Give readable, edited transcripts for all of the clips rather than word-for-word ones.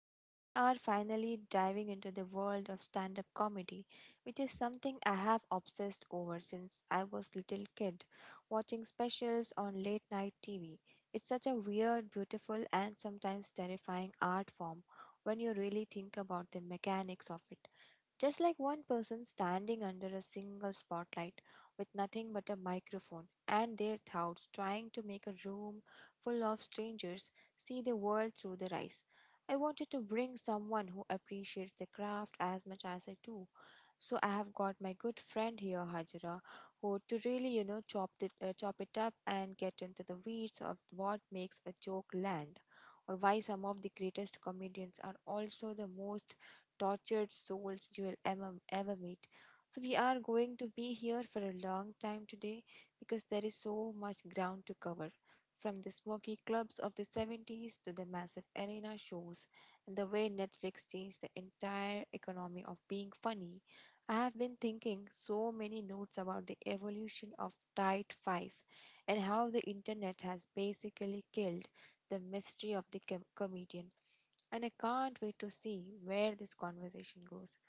because we are finally diving into the world of stand up comedy, which is something I have obsessed over since I was little kid, watching specials on late night TV. It's such a weird, beautiful, and sometimes terrifying art form when you really think about the mechanics of it. Just like one person standing under a single spotlight with nothing but a microphone and their thoughts, trying to make a room full of strangers see the world through their eyes. I wanted to bring someone who appreciates the craft as much as I do, so I have got my good friend here, Hajra, who to really chop it up and get into the weeds of what makes a joke land, or why some of the greatest comedians are also the most tortured souls you will ever meet. So we are going to be here for a long time today, because there is so much ground to cover. From the smoky clubs of the 70s to the massive arena shows, and the way Netflix changed the entire economy of being funny, I have been thinking so many notes about the evolution of Tide 5 and how the internet has basically killed the mystery of the comedian. And I can't wait to see where this conversation goes.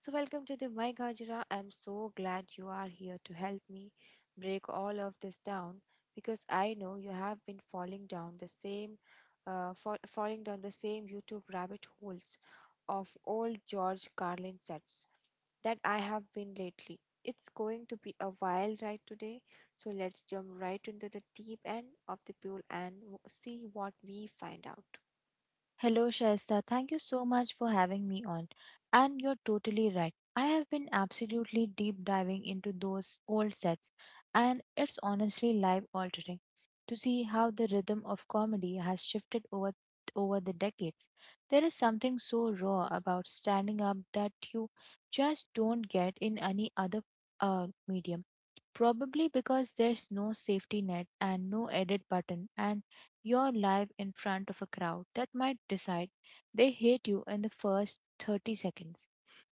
So, welcome to the My Gajra. I'm so glad you are here to help me break all of this down, because I know you have been falling down the same YouTube rabbit holes of old George Carlin sets that I have been lately. It's going to be a wild ride today, so let's jump right into the deep end of the pool and see what we find out. Hello, Shaista. Thank you so much for having me on. And you're totally right. I have been absolutely deep diving into those old sets, and it's honestly life altering to see how the rhythm of comedy has shifted over the decades. There is something so raw about standing up that you just don't get in any other medium. Probably because there's no safety net and no edit button and your live in front of a crowd that might decide they hate you in the first 30 seconds.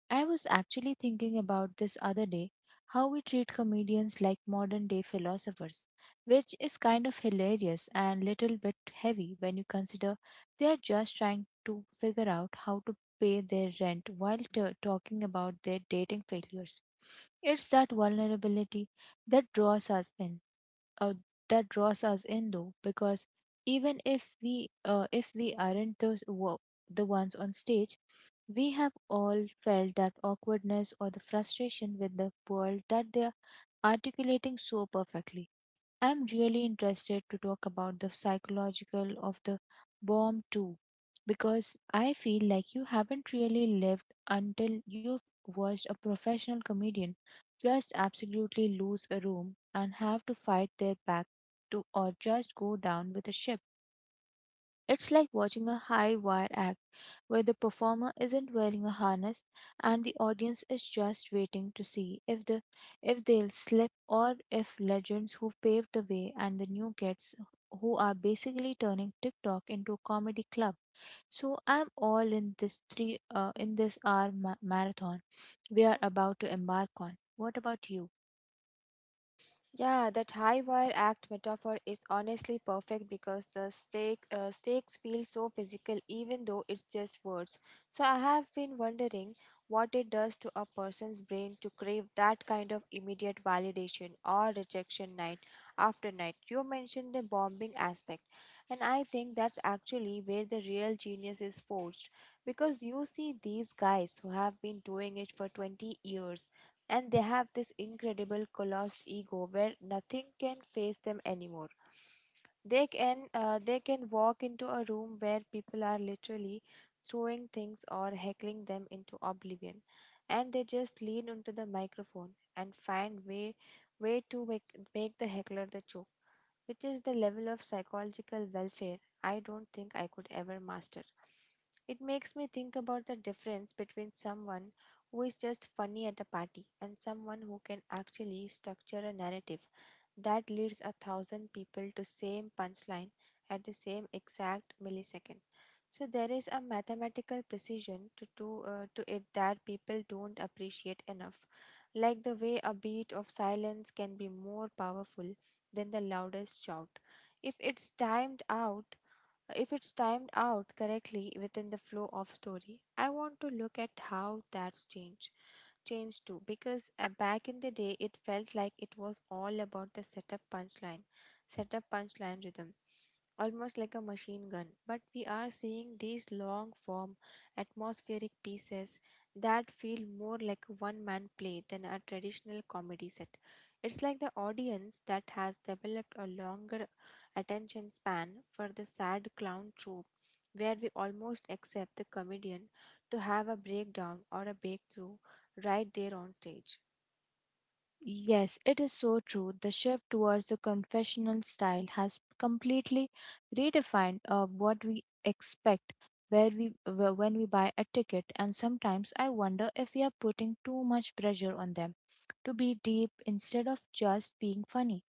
I was actually thinking about this other day how we treat comedians like modern day philosophers, which is kind of hilarious and little bit heavy when you consider they are just trying to figure out how to pay their rent while talking about their dating failures. It's that vulnerability that draws us in, uh, though, because even if we aren't the ones on stage, we have all felt that awkwardness or the frustration with the world that they're articulating so perfectly. I'm really interested to talk about the psychological of the bomb too, because I feel like you haven't really lived until you've watched a professional comedian just absolutely lose a room and have to fight their back to, or just go down with a ship. It's like watching a high wire act where the performer isn't wearing a harness and the audience is just waiting to see if they'll slip, or if legends who paved the way and the new kids who are basically turning TikTok into a comedy club. So I'm all in this hour marathon we are about to embark on. What about you? Yeah, that high wire act metaphor is honestly perfect, because the stakes feel so physical even though it's just words. So I have been wondering what it does to a person's brain to crave that kind of immediate validation or rejection night after night. You mentioned the bombing aspect, and I think that's actually where the real genius is forged, because you see these guys who have been doing it for 20 years and they have this incredible colossal ego where nothing can face them anymore. They can walk into a room where people are literally throwing things or heckling them into oblivion, and they just lean into the microphone and find way to make the heckler the joke, which is the level of psychological welfare I don't think I could ever master. It makes me think about the difference between someone who is just funny at a party and someone who can actually structure a narrative that leads 1,000 people to same punchline at the same exact millisecond. So there is a mathematical precision to it that people don't appreciate enough, like the way a beat of silence can be more powerful than the loudest shout. If it's timed out, if it's timed out correctly within the flow of story, I want to look at how that's changed too, because back in the day it felt like it was all about the setup punchline rhythm, almost like a machine gun. But we are seeing these long form atmospheric pieces that feel more like a one man play than a traditional comedy set. It's like the audience that has developed a longer attention span for the sad clown trope, where we almost accept the comedian to have a breakdown or a breakthrough right there on stage. Yes, it is so true. The shift towards the confessional style has completely redefined what we expect when we buy a ticket, and sometimes I wonder if we are putting too much pressure on them to be deep instead of just being funny.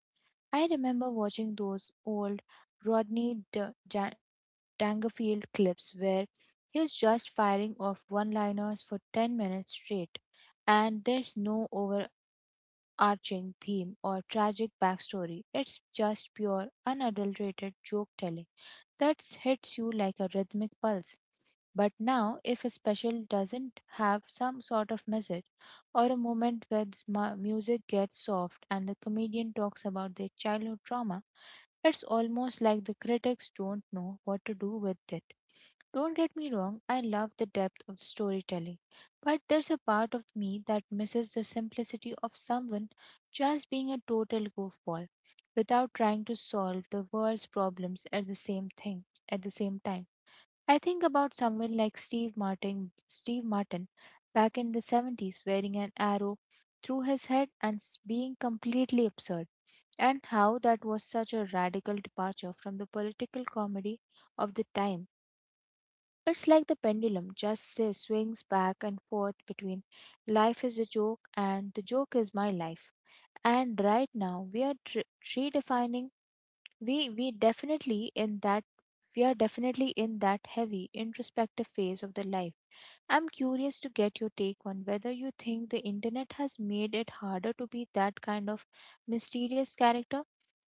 I remember watching those old Rodney Ja- Dangerfield clips where he's just firing off one-liners for 10 minutes straight, and there's no over arching theme or tragic backstory. It's just pure, unadulterated joke telling that hits you like a rhythmic pulse. But now, if a special doesn't have some sort of message or a moment where the music gets soft and the comedian talks about their childhood trauma, it's almost like the critics don't know what to do with it. Don't get me wrong, I love the depth of the storytelling, but there's a part of me that misses the simplicity of someone just being a total goofball without trying to solve the world's problems at the same time. I think about someone like Steve Martin back in the 70s wearing an arrow through his head and being completely absurd, and how that was such a radical departure from the political comedy of the time. It's like the pendulum just swings back and forth between life is a joke and the joke is my life. And right now we are tr redefining we we definitely in that we are definitely in that heavy introspective phase of the life. I'm curious to get your take on whether you think the internet has made it harder to be that kind of mysterious character,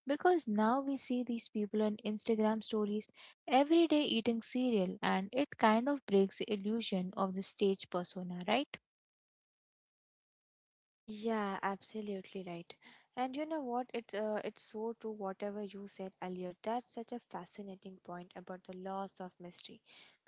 because now we see these people on Instagram stories every day eating cereal, and it kind of breaks the illusion of the stage persona, right? Yeah, absolutely right. And you know what? It's so true. Whatever you said earlier, that's such a fascinating point about the loss of mystery,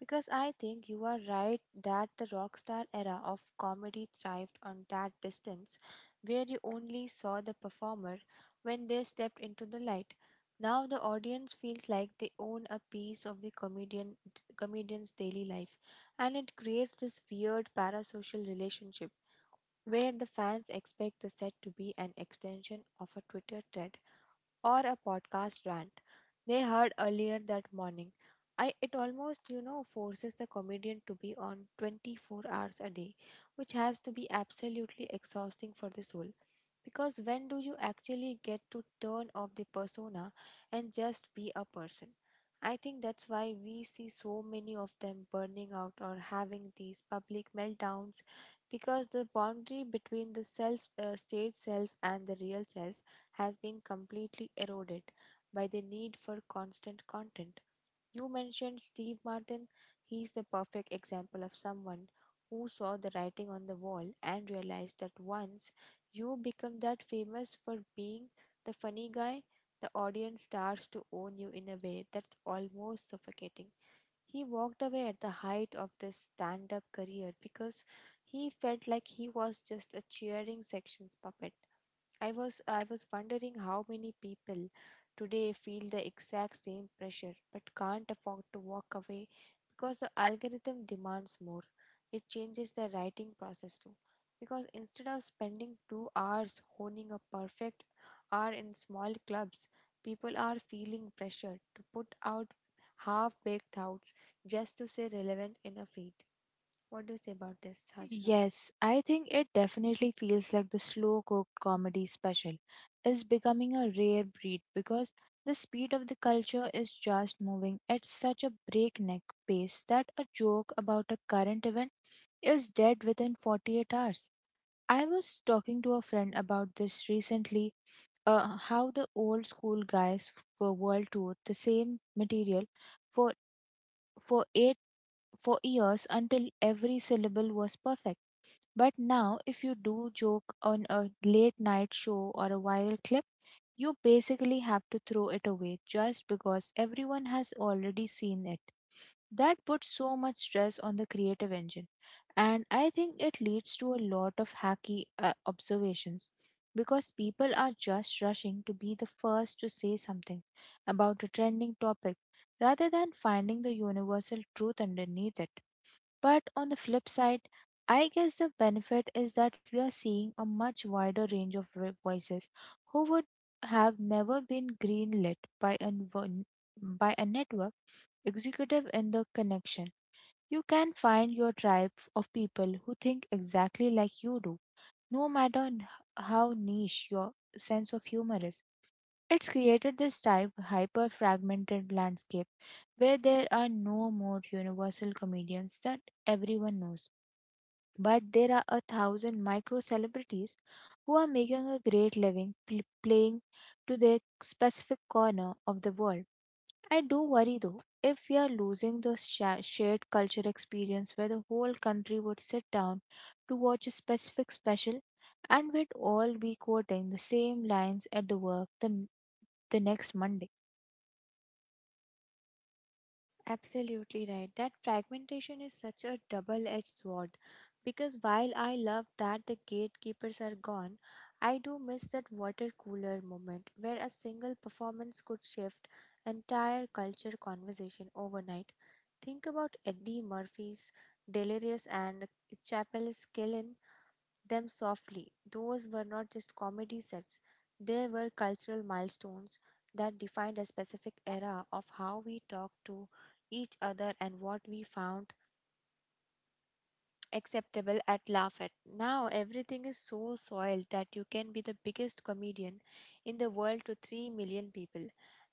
because I think you are right that the rock star era of comedy thrived on that distance, where you only saw the performer when they stepped into the light. Now the audience feels like they own a piece of the comedian's daily life, and it creates this weird parasocial relationship where the fans expect the set to be an extension of a Twitter thread or a podcast rant they heard earlier that morning. It almost forces the comedian to be on 24 hours a day, which has to be absolutely exhausting for the soul. Because when do you actually get to turn off the persona and just be a person? I think that's why we see so many of them burning out or having these public meltdowns, because the boundary between the self stage self and the real self has been completely eroded by the need for constant content. You mentioned Steve Martin. He's the perfect example of someone who saw the writing on the wall and realized that once you become that famous for being the funny guy, the audience starts to own you in a way that's almost suffocating. He walked away at the height of this stand up career, because he felt like he was just a cheering section's puppet. I was wondering how many people today feel the exact same pressure but can't afford to walk away, because the algorithm demands more. It changes the writing process too, because instead of spending 2 hours honing a perfect hour in small clubs, people are feeling pressured to put out half baked thoughts just to stay relevant in a feed. What do you say about this, Hajra? Yes, I think it definitely feels like the slow cooked comedy special is becoming a rare breed, because the speed of the culture is just moving at such a breakneck pace that a joke about a current event is dead within 48 hours. I was talking to a friend about this recently, how the old school guys were world toured the same material for for eight for years until every syllable was perfect. But now, if you do joke on a late night show or a viral clip, you basically have to throw it away just because everyone has already seen it. That puts so much stress on the creative engine, and I think it leads to a lot of hacky observations, because people are just rushing to be the first to say something about a trending topic rather than finding the universal truth underneath it. But on the flip side, I guess the benefit is that we are seeing a much wider range of voices who would have never been greenlit by a network executive. In the connection, you can find your tribe of people who think exactly like you do, no matter how niche your sense of humor is. It's created this type hyper fragmented landscape where there are no more universal comedians that everyone knows, but there are a thousand micro celebrities who are making a great living playing to their specific corner of the world. I do worry though, if we are losing the shared culture experience where the whole country would sit down to watch a specific special, and we'd all be quoting the same lines at the next Monday. Absolutely right. That fragmentation is such a double edged sword, because while I love that the gatekeepers are gone, I do miss that water cooler moment where a single performance could shift entire culture conversation overnight. Think about Eddie Murphy's Delirious and Chappelle's Killin them softly. Those were not just comedy sets, they were cultural milestones that defined a specific era of how we talked to each other and what we found acceptable at laugh at. Now everything is so soiled that you can be the biggest comedian in the world to 3 million people,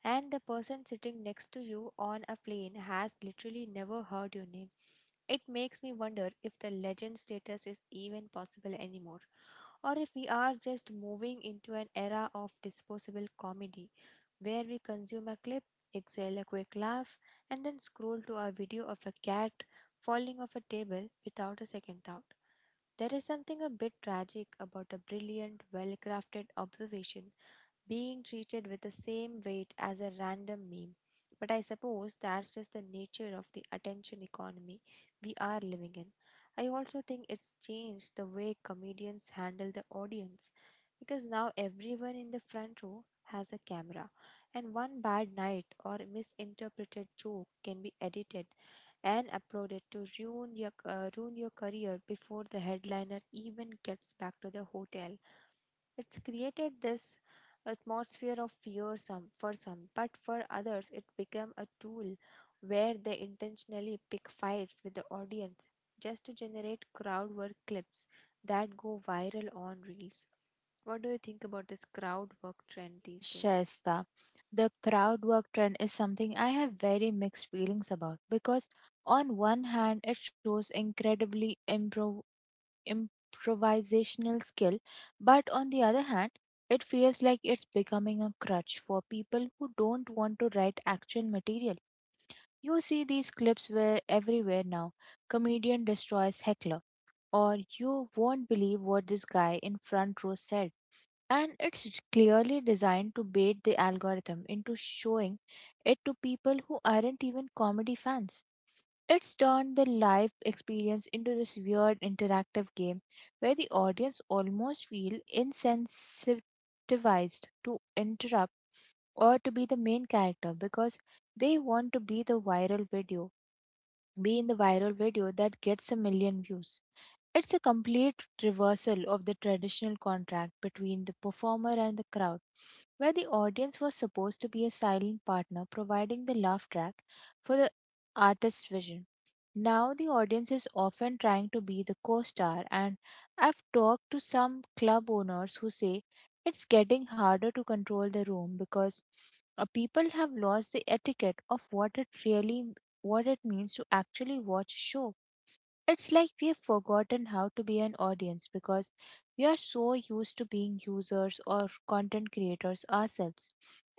and the person sitting next to you on a plane has literally never heard your name. It makes me wonder if the legend status is even possible anymore, or if we are just moving into an era of disposable comedy where we consume a clip, exhale a quick laugh, and then scroll to a video of a cat falling off a table without a second thought. There is something a bit tragic about a brilliant, well crafted observation being treated with the same weight as a random meme. But I suppose that's just the nature of the attention economy we are living in. I also think it's changed the way comedians handle the audience, because now everyone in the front row has a camera, and one bad night or misinterpreted joke can be edited and uploaded to ruin your career before the headliner even gets back to the hotel. It's created this atmosphere of fear, some for some, but for others it became a tool where they intentionally pick fights with the audience just to generate crowd work clips that go viral on reels. What do you think about this crowd work trend these days? Shasta, the crowd work trend is something I have very mixed feelings about because, on one hand, it shows incredibly improvisational skill, but on the other hand, it feels like it's becoming a crutch for people who don't want to write actual material. You see these clips where everywhere now. Comedian destroys heckler, or you won't believe what this guy in front row said. And it's clearly designed to bait the algorithm into showing it to people who aren't even comedy fans. It's turned the live experience into this weird interactive game where the audience almost feel insensitivized to interrupt or to be the main character, because they want to be in the viral video that gets a million views. It's a complete reversal of the traditional contract between the performer and the crowd, where the audience was supposed to be a silent partner providing the laugh track for the artist's vision. Now the audience is often trying to be the co-star, and I've talked to some club owners who say it's getting harder to control the room because people have lost the etiquette of what it means to actually watch a show. It's like we have forgotten how to be an audience, because we are so used to being users or content creators ourselves.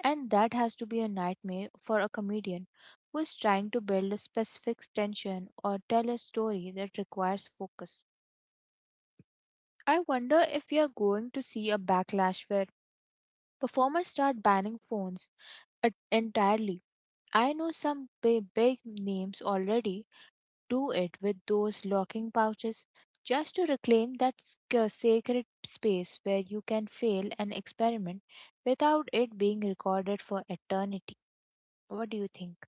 And that has to be a nightmare for a comedian who is trying to build a specific tension or tell a story that requires focus. I wonder if we are going to see a backlash where performers start banning phones entirely. I know some big, big names already do it with those locking pouches just to reclaim that sacred space where you can fail an experiment without it being recorded for eternity. What do you think?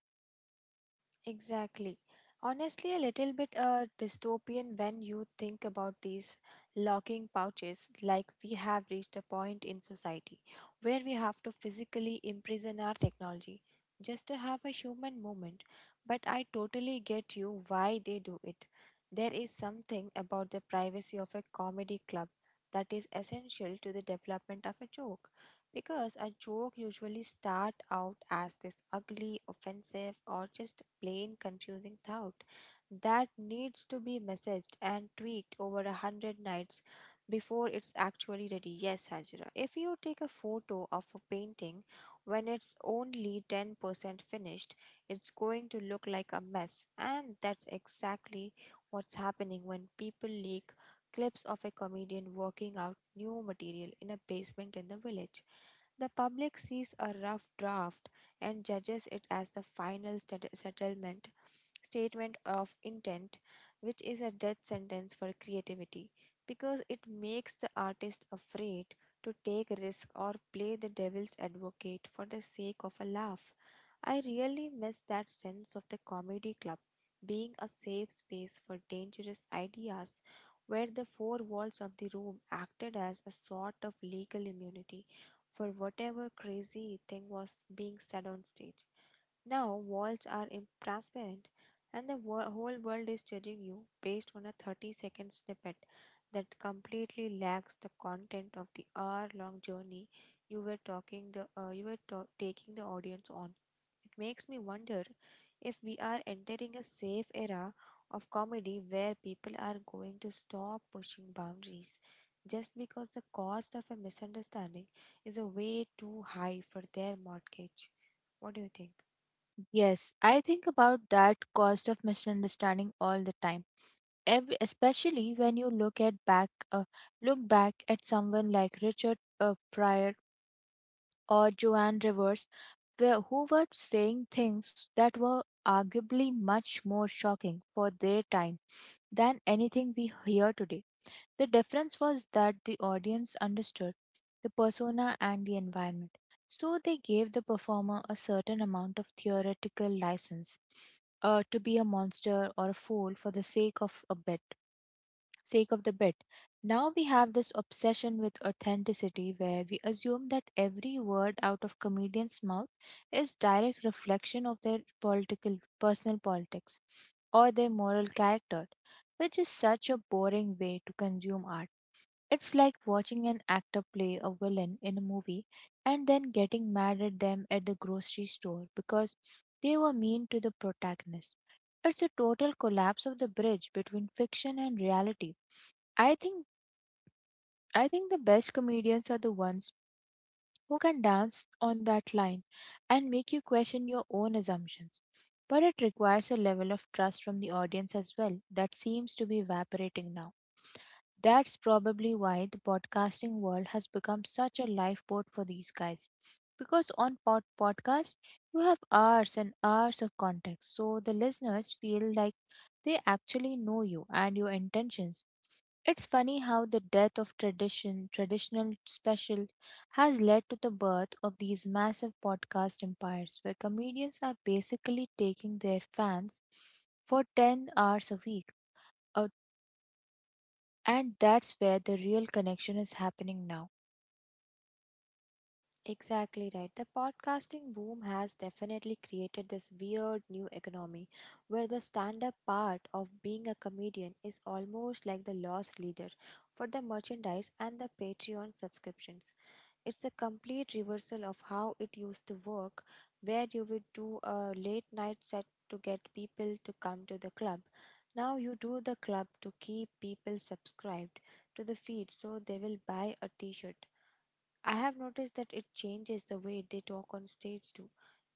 Exactly. Honestly, a little bit dystopian when you think about these locking pouches, like we have reached a point in society where we have to physically imprison our technology just to have a human moment. But I totally get you why they do it. There is something about the privacy of a comedy club that is essential to the development of a joke, because a joke usually start out as this ugly, offensive, or just plain confusing thought that needs to be messaged and tweaked over 100 nights before it's actually ready. Yes, Hajra. If you take a photo of a painting when it's only 10% finished, it's going to look like a mess. And that's exactly what's happening when people leak clips of a comedian working out new material in a basement in the village. The public sees a rough draft and judges it as the final settlement statement of intent, which is a death sentence for creativity, because it makes the artist afraid to take risk or play the devil's advocate for the sake of a laugh. I really miss that sense of the comedy club being a safe space for dangerous ideas, where the four walls of the room acted as a sort of legal immunity for whatever crazy thing was being said on stage. Now walls are transparent, and the whole world is judging you based on a 30-second snippet that completely lacks the content of the hour long journey you were taking the audience on. It makes me wonder if we are entering a safe era of comedy where people are going to stop pushing boundaries just because the cost of a misunderstanding is a way too high for their mortgage. What do you think? Yes, I think about that cost of misunderstanding all the time. Especially when you look back at someone like Richard Pryor or Joan Rivers, who were saying things that were arguably much more shocking for their time than anything we hear today. The difference was that the audience understood the persona and the environment, so they gave the performer a certain amount of theoretical license to be a monster or a fool for the sake of the bit. Now we have this obsession with authenticity where we assume that every word out of comedian's mouth is direct reflection of their political personal politics or their moral character, which is such a boring way to consume art. It's like watching an actor play a villain in a movie and then getting mad at them at the grocery store because they were mean to the protagonist. It's a total collapse of the bridge between fiction and reality. I think I think the best comedians are the ones who can dance on that line and make you question your own assumptions. But it requires a level of trust from the audience as well that seems to be evaporating now. That's probably why the podcasting world has become such a lifeboat for these guys. Because on podcast you have hours and hours of context, so the listeners feel like they actually know you and your intentions. It's funny how the death of traditional special has led to the birth of these massive podcast empires where comedians are basically taking their fans for 10 hours a week. Uh, And that's where the real connection is happening now. Exactly right. The podcasting boom has definitely created this weird new economy where the stand up part of being a comedian is almost like the lost leader for the merchandise and the Patreon subscriptions. It's a complete reversal of how it used to work, where you would do a late night set to get people to come to the club. Now you do the club to keep people subscribed to the feed so they will buy a t shirt. I have noticed that it changes the way they talk on stage too,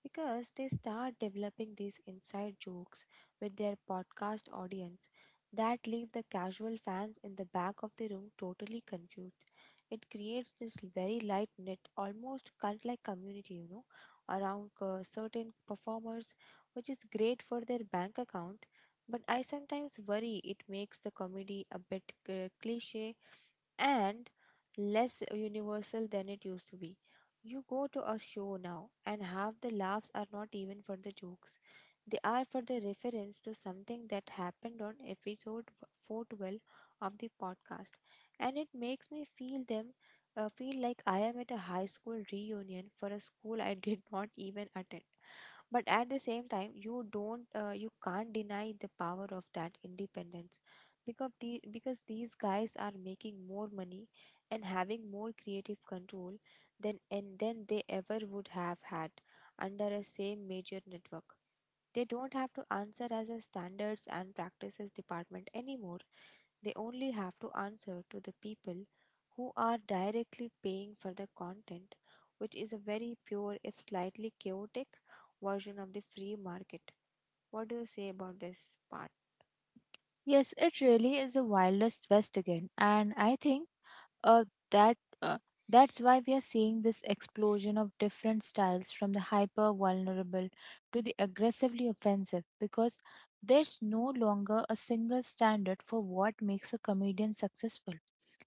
because they start developing these inside jokes with their podcast audience that leave the casual fans in the back of the room totally confused. It creates this very light knit, almost cult like community, around certain performers, which is great for their bank account. But I sometimes worry it makes the comedy a bit cliche and less universal than it used to be. You go to a show now, and half the laughs are not even for the jokes. They are for the reference to something that happened on episode 412 of the podcast. And it makes me feel like I am at a high school reunion for a school I did not even attend. But at the same time you can't deny the power of that independence, because these guys are making more money and having more creative control than they ever would have had under a same major network. They don't have to answer as a standards and practices department anymore. They only have to answer to the people who are directly paying for the content, which is a very pure, if slightly chaotic, version of the free market. What do you say about this part? Yes, it really is the wildest west again, and I think uh, that uh, that's why we are seeing this explosion of different styles from the hyper vulnerable to the aggressively offensive because there's no longer a single standard for what makes a comedian successful.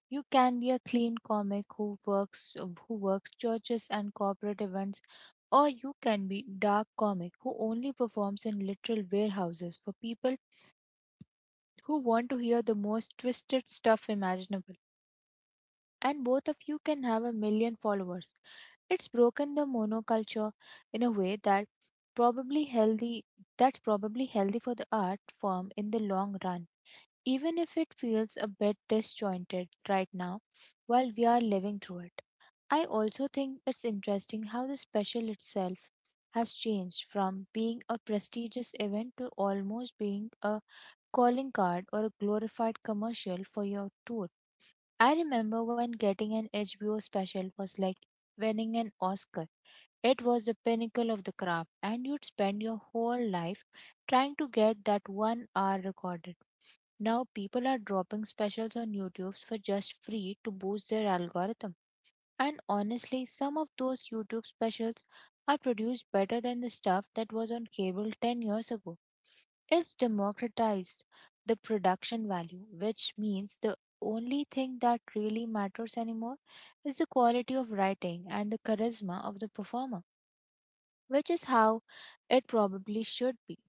You can be a clean comic who works churches and corporate events, or you can be dark comic who only performs in literal warehouses for people who want to hear the most twisted stuff imaginable, and both of you can have a million followers. It's broken the monoculture in a way that probably healthy probably healthy for the art form in the long run, even if it feels a bit disjointed right now while we are living through it. I also think it's interesting how the special itself has changed from being a prestigious event to almost being a calling card or a glorified commercial for your tour. I remember when getting an HBO special was like winning an Oscar. It was the pinnacle of the craft, and you'd spend your whole life trying to get that 1 hour recorded. Now, people are dropping specials on YouTube for just free to boost their algorithm. And honestly, some of those YouTube specials are produced better than the stuff that was on cable 10 years ago. Is democratized the production value, which means the only thing that really matters anymore is the quality of writing and the charisma of the performer, which is how it probably should be,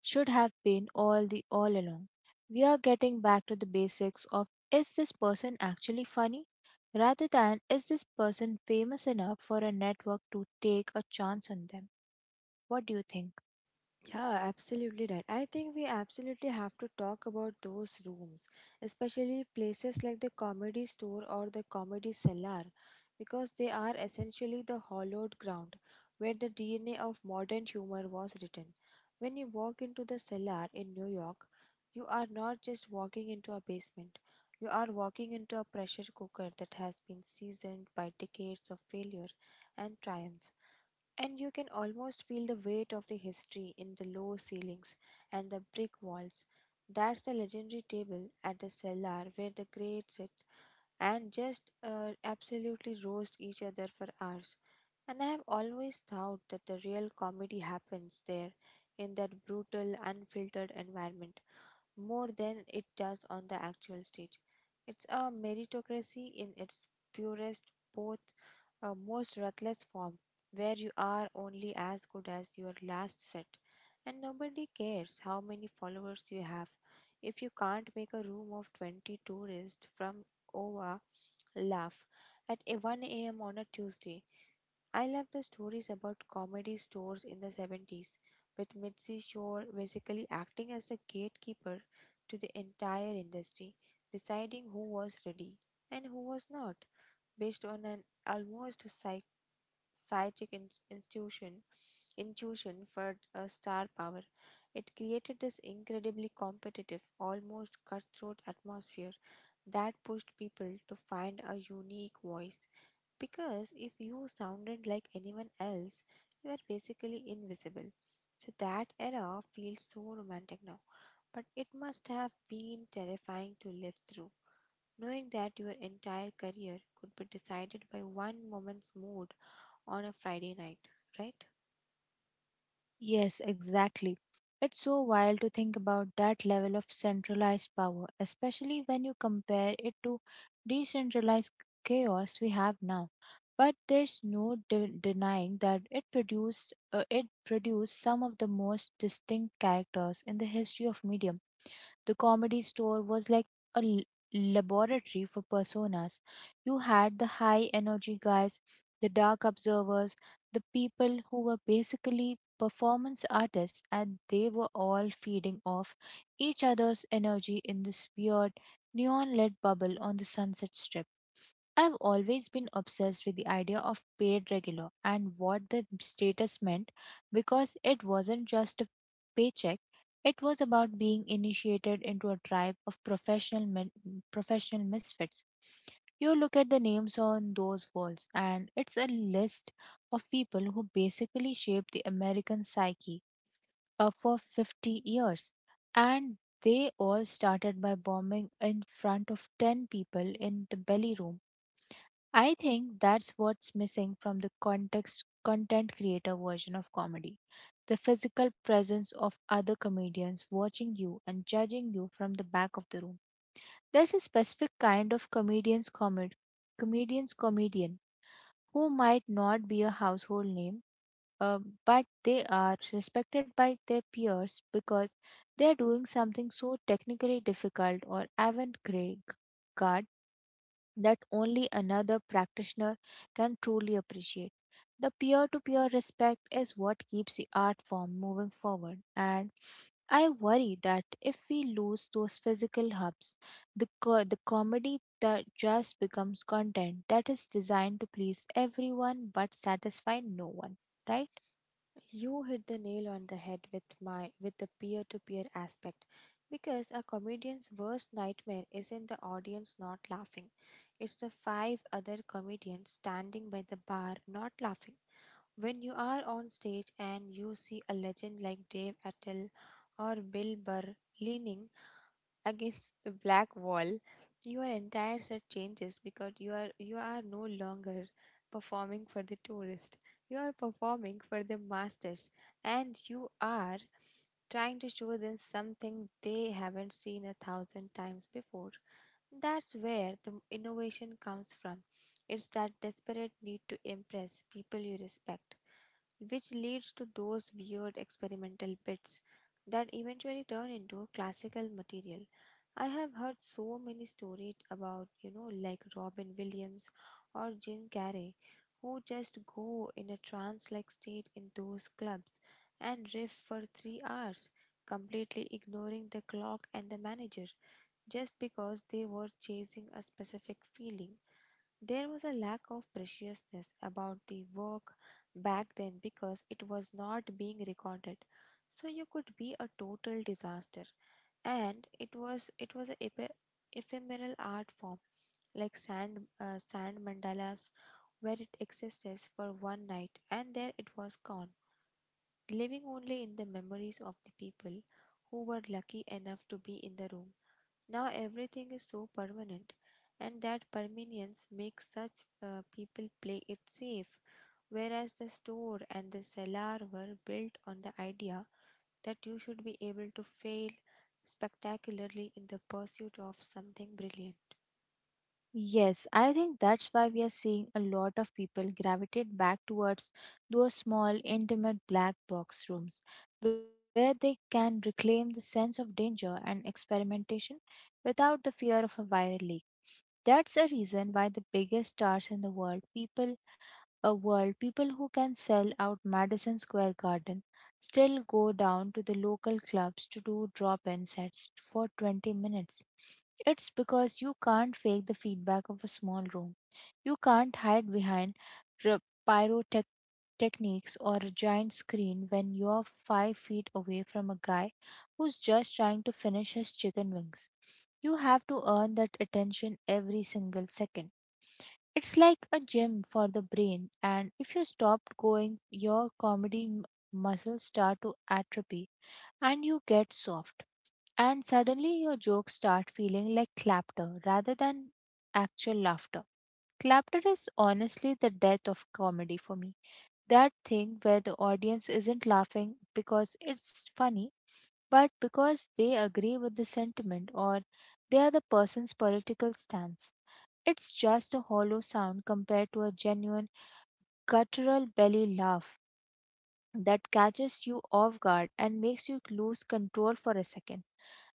should have been all the all along. We are getting back to the basics of: is this person actually funny? Rather than: is this person famous enough for a network to take a chance on them? What do you think? Yeah, absolutely right. I think we absolutely have to talk about those rooms, especially places like the Comedy Store or the Comedy Cellar, because they are essentially the hollowed ground where the DNA of modern humor was written. When you walk into the cellar in New York, you are not just walking into a basement, you are walking into a pressure cooker that has been seasoned by decades of failure and triumph. And you can almost feel the weight of the history in the low ceilings and the brick walls. That's the legendary table at the cellar where the great sit and just absolutely roast each other for hours. And I have always thought that the real comedy happens there, in that brutal, unfiltered environment, more than it does on the actual stage. It's a meritocracy in its purest, both a most ruthless form, where you are only as good as your last set and nobody cares how many followers you have if you can't make a room of 20 tourists from Iowa laugh at a 1 a.m. on a Tuesday. I love the stories about comedy stores in the 70s, with Mitzi Shore basically acting as the gatekeeper to the entire industry, deciding who was ready and who was not, based on an almost psychic intuition for a star power. It created this incredibly competitive, almost cutthroat atmosphere that pushed people to find a unique voice. Because if you sounded like anyone else, you were basically invisible. So that era feels so romantic now, but it must have been terrifying to live through. Knowing that your entire career could be decided by one moment's mood on a Friday night, right? Yes, exactly. It's so wild to think about that level of centralized power, especially when you compare it to decentralized chaos we have now. But there's no denying that it produced some of the most distinct characters in the history of medium. The comedy store was like a laboratory for personas. You had the high energy guys, the dark observers, the people who were basically performance artists, and they were all feeding off each other's energy in this weird neon lit bubble on the Sunset Strip. I've always been obsessed with the idea of paid regular and what the status meant, because it wasn't just a paycheck, it was about being initiated into a tribe of professional men, professional misfits. You look at the names on those walls, and it's a list of people who basically shaped the American psyche for 50 years. And they all started by bombing in front of 10 people in the belly room. I think that's what's missing from the context content creator version of comedy. The physical presence of other comedians watching you and judging you from the back of the room. There's a specific kind of comedian's comedian who might not be a household name, uh, but they are respected by their peers because they are doing something so technically difficult or avant-garde that only another practitioner can truly appreciate. The peer to peer respect is what keeps the art form moving forward, and I worry that if we lose those physical hubs, the comedy that just becomes content that is designed to please everyone but satisfy no one, right? You hit the nail on the head with my with the peer-to-peer aspect, because a comedian's worst nightmare isn't the audience not laughing. It's the five other comedians standing by the bar not laughing. When you are on stage and you see a legend like Dave Attell or Bill Burr leaning against the black wall, your entire set changes, because you are no longer performing for the tourist. You are performing for the masters, and you are trying to show them something they haven't seen a thousand times before. That's where the innovation comes from. It's that desperate need to impress people you respect, which leads to those weird experimental bits that eventually turn into classical material. I have heard so many stories about, like Robin Williams or Jim Carrey, who just go in a trance like state in those clubs and riff for 3 hours, completely ignoring the clock and the manager, just because they were chasing a specific feeling. There was a lack of preciousness about the work back then, because it was not being recorded. So you could be a total disaster. And it was an ephemeral art form, like sand mandalas, where it existed for one night and there it was gone, living only in the memories of the people who were lucky enough to be in the room. Now everything is so permanent, and that permanence makes such people play it safe. Whereas the store and the cellar were built on the idea that you should be able to fail spectacularly in the pursuit of something brilliant. Yes, I think that's why we are seeing a lot of people gravitate back towards those small, intimate black box rooms where they can reclaim the sense of danger and experimentation without the fear of a viral leak. That's a reason why the biggest stars in the world people a world people who can sell out Madison Square Garden still go down to the local clubs to do drop in sets for 20 minutes. It's because you can't fake the feedback of a small room. You can't hide behind r- pyrotech techniques or a giant screen when you're 5 feet away from a guy who's just trying to finish his chicken wings. You have to earn that attention every single second. It's like a gym for the brain, and if you stop going, your comedy muscles start to atrophy and you get soft. And suddenly your jokes start feeling like clapter rather than actual laughter. Clapter is honestly the death of comedy for me. That thing where the audience isn't laughing because it's funny, but because they agree with the sentiment or they are the person's political stance. It's just a hollow sound compared to a genuine guttural belly laugh that catches you off guard and makes you lose control for a second.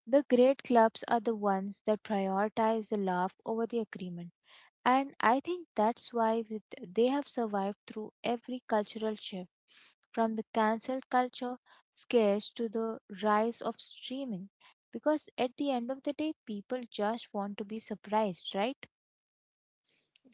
The great clubs are the ones that prioritize the laugh over the agreement. And I think that's why they have survived through every cultural shift, from the cancel culture scares to the rise of streaming. Because at the end of the day, people just want to be surprised, right?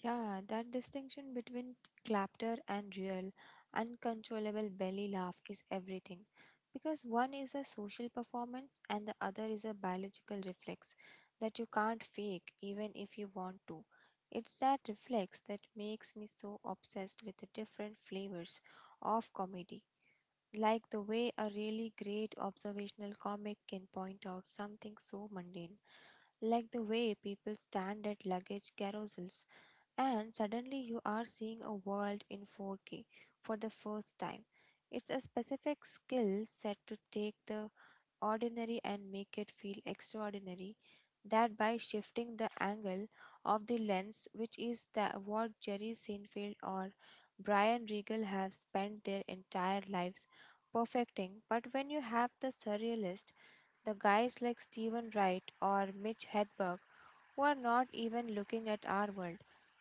Yeah, that distinction between clapter and real, uncontrollable belly laugh is everything. Because one is a social performance and the other is a biological reflex that you can't fake even if you want to. It's that reflex that makes me so obsessed with the different flavors of comedy. Like the way a really great observational comic can point out something so mundane, like the way people stand at luggage carousels, and suddenly you are seeing a world in 4K for the first time. It's a specific skill set to take the ordinary and make it feel extraordinary, that by shifting the angle of the lens, which is that what Jerry Seinfeld or Brian Regal have spent their entire lives perfecting. But when you have the surrealist, the guys like Steven Wright or Mitch Hedberg, who are not even looking at our world,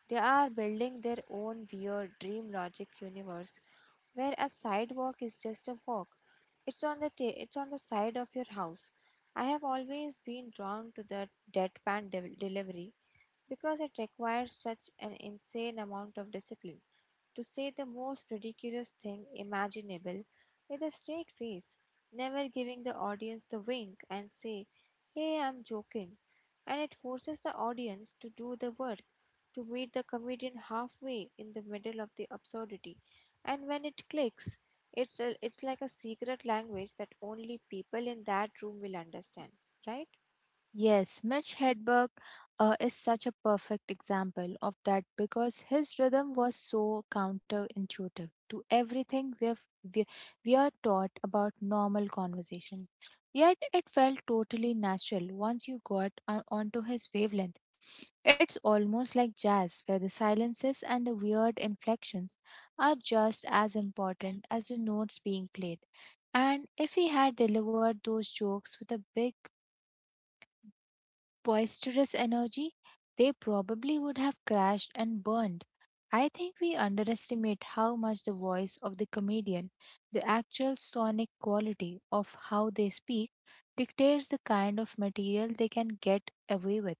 they are building their own weird dream logic universe where a sidewalk is just a walk. It's on the side of your house. I have always been drawn to the deadpan delivery, because it requires such an insane amount of discipline to say the most ridiculous thing imaginable with a straight face, never giving the audience the wink and say, "Hey, I'm joking." And it forces the audience to do the work, to meet the comedian halfway in the middle of the absurdity. And when it clicks, it's like a secret language that only people in that room will understand, right? Yes, Mitch Hedberg is such a perfect example of that because his rhythm was so counterintuitive to everything we, we are taught about normal conversation. Yet it felt totally natural once you onto his wavelength. It's almost like jazz, where the silences and the weird inflections are just as important as the notes being played. And if he had delivered those jokes with a big boisterous energy, they probably would have crashed and burned. I think we underestimate how much the voice of the comedian, the actual sonic quality of how they speak, dictates the kind of material they can get away with.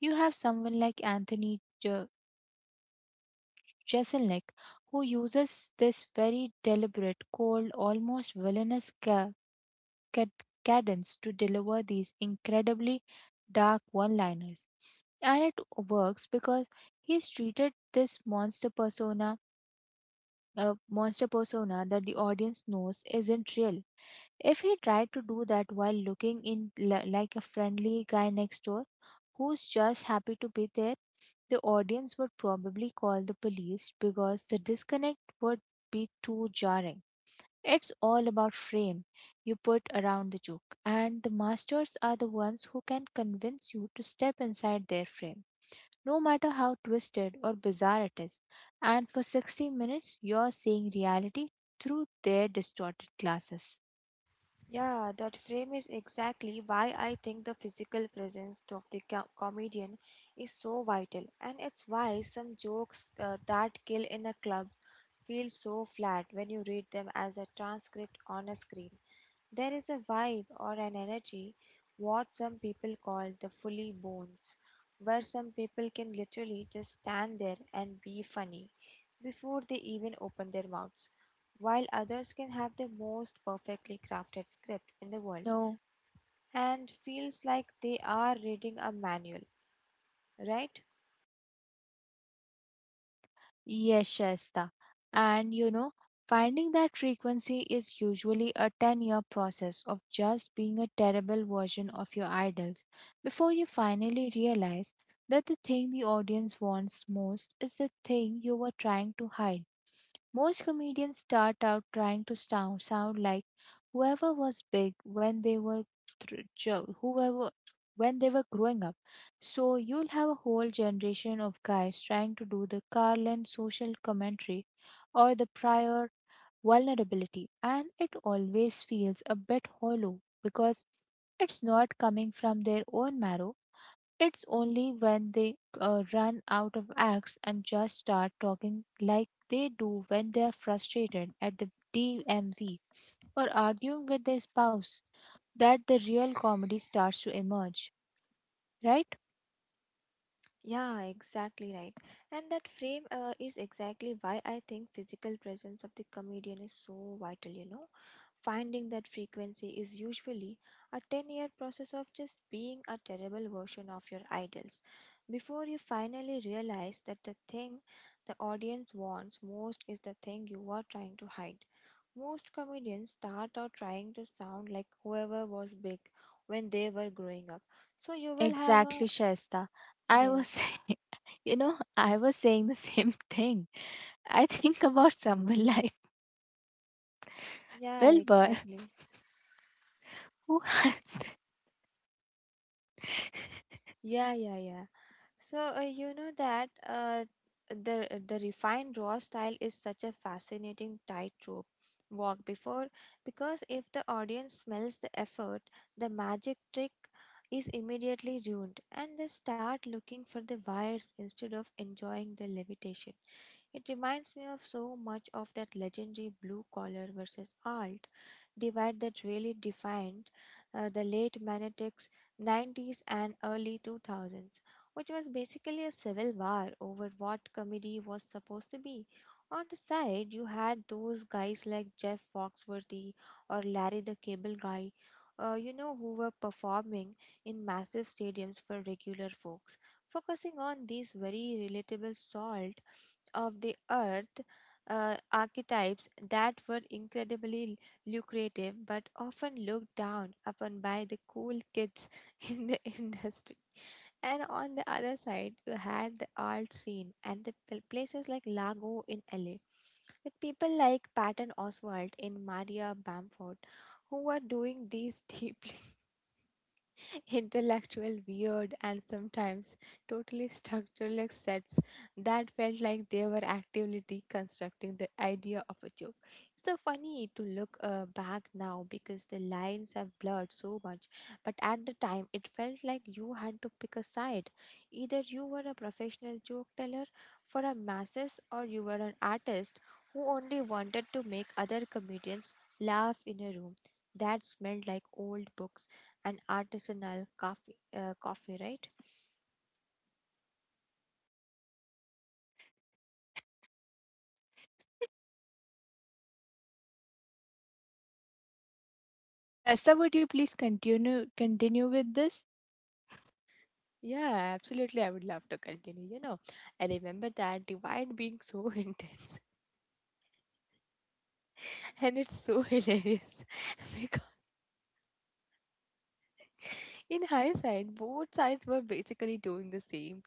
You have someone like Jeselnik, who uses this very deliberate, cold, almost villainous cadence to deliver these incredibly dark one liners. And it works because he's treated this monster persona that the audience knows isn't real. If he tried to do that while like a friendly guy next door who's just happy to be there, the audience would probably call the police because the disconnect would be too jarring. It's all about frame you put around the joke, and the masters are the ones who can convince you to step inside their frame, no matter how twisted or bizarre it is. And for 60 minutes, you're seeing reality through their distorted glasses. Yeah, that frame is exactly why I think the physical presence of the comedian is so vital, and it's why some jokes that kill in a club feel so flat when you read them as a transcript on a screen. There is a vibe or an energy, what some people call the fully bones, where some people can literally just stand there and be funny before they even open their mouths, while others can have the most perfectly crafted script in the world No. and feels like they are reading a manual, right? Yes, Shaista. And you know, finding that frequency is usually a 10-year process of just being a terrible version of your idols before you finally realize that the thing the audience wants most is the thing you were trying to hide. Most comedians start out trying to sound like whoever was big when they were thr- jo- whoever when they were growing up. So you'll have a whole generation of guys trying to do the Carlin social commentary or the prior vulnerability, and it always feels a bit hollow because it's not coming from their own marrow. It's only when they run out of acts and just start talking like they do when they're frustrated at the DMV or arguing with their spouse that the real comedy starts to emerge, right? Yeah, exactly right. And that frame is exactly why I think physical presence of the comedian is so vital. Finding that frequency is usually a 10-year process of just being a terrible version of your idols, before you finally realize that the thing the audience wants most is the thing you are trying to hide. Most comedians start out trying to sound like whoever was big when they were growing up. So you will have a. Exactly, Shaista. I was Yes. saying, you know, I was saying the same thing. I think about someone like Yeah, Wilbur exactly. who has. Yeah, yeah, yeah. So, you know that, the refined raw style is such a fascinating tightrope walk before, because if the audience smells the effort, the magic trick is immediately ruined and they start looking for the wires instead of enjoying the levitation. It reminds me of so much of that legendary blue collar versus alt divide that really defined the late Manetics 90s and early 2000s, which was basically a civil war over what comedy was supposed to be. On the side, you had those guys like Jeff Foxworthy or Larry the Cable Guy, who were performing in massive stadiums for regular folks, focusing on these very relatable salt of the earth archetypes that were incredibly lucrative but often looked down upon by the cool kids in the industry. And on the other side, you had the art scene and the places like Lago in LA, with people like Patton Oswalt in Maria Bamford, who were doing these deeply intellectual, weird, and sometimes totally structureless sets that felt like they were actively deconstructing the idea of a joke. It's so funny to look back now, because the lines have blurred so much, but at the time, it felt like you had to pick a side. Either you were a professional joke teller for a masses, or you were an artist who only wanted to make other comedians laugh in a room that smelled like old books and artisanal coffee, right? Shaista, would you please continue with this? Yeah, absolutely. I would love to continue. You know, I remember that divide being so intense, and it's so hilarious because in hindsight, both sides were basically doing the same.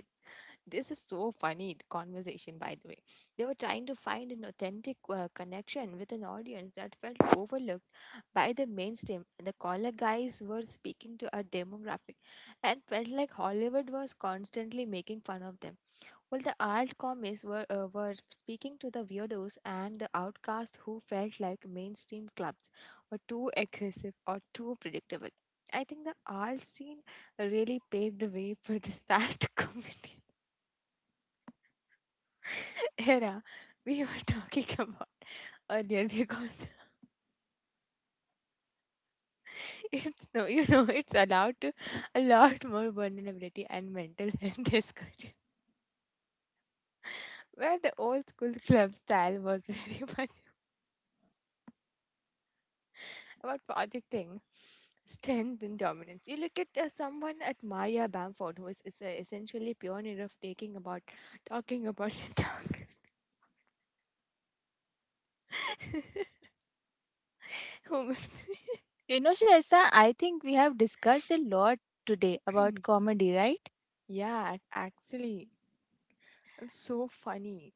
This is so funny, the conversation, by the way. They were trying to find an authentic connection with an audience that felt overlooked by the mainstream. The caller guys were speaking to a demographic and felt like Hollywood was constantly making fun of them. While the alt comics were speaking to the weirdos and the outcasts who felt like mainstream clubs were too aggressive or too predictable. I think the alt scene really paved the way for the sad comedy era we were talking about earlier, because it's no, you know, it's allowed to a lot more vulnerability and mental health discussion, where the old school club style was very much about projecting strength and dominance. You look at someone at Maria Bamford, who is a essentially pioneer of taking about talking about the dark human. You know, Shaista, I think we have discussed a lot today about comedy, right? Yeah, actually, it's so funny.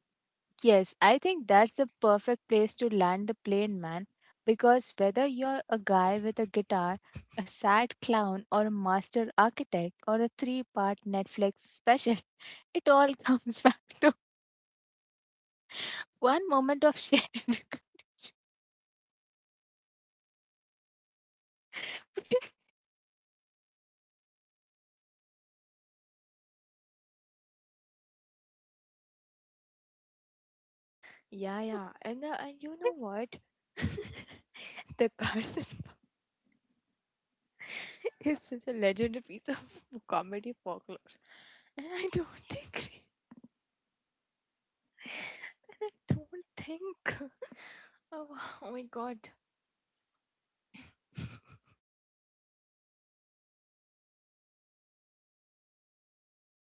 Yes, I think that's the perfect place to land the plane, man. Because whether you're a guy with a guitar, a sad clown, or a master architect, or a three-part Netflix special, it all comes back to one moment of shared. Yeah, No. yeah. And you know what? The Carson is such a legendary piece of comedy folklore. And I don't think, I don't think, oh, wow, oh my god,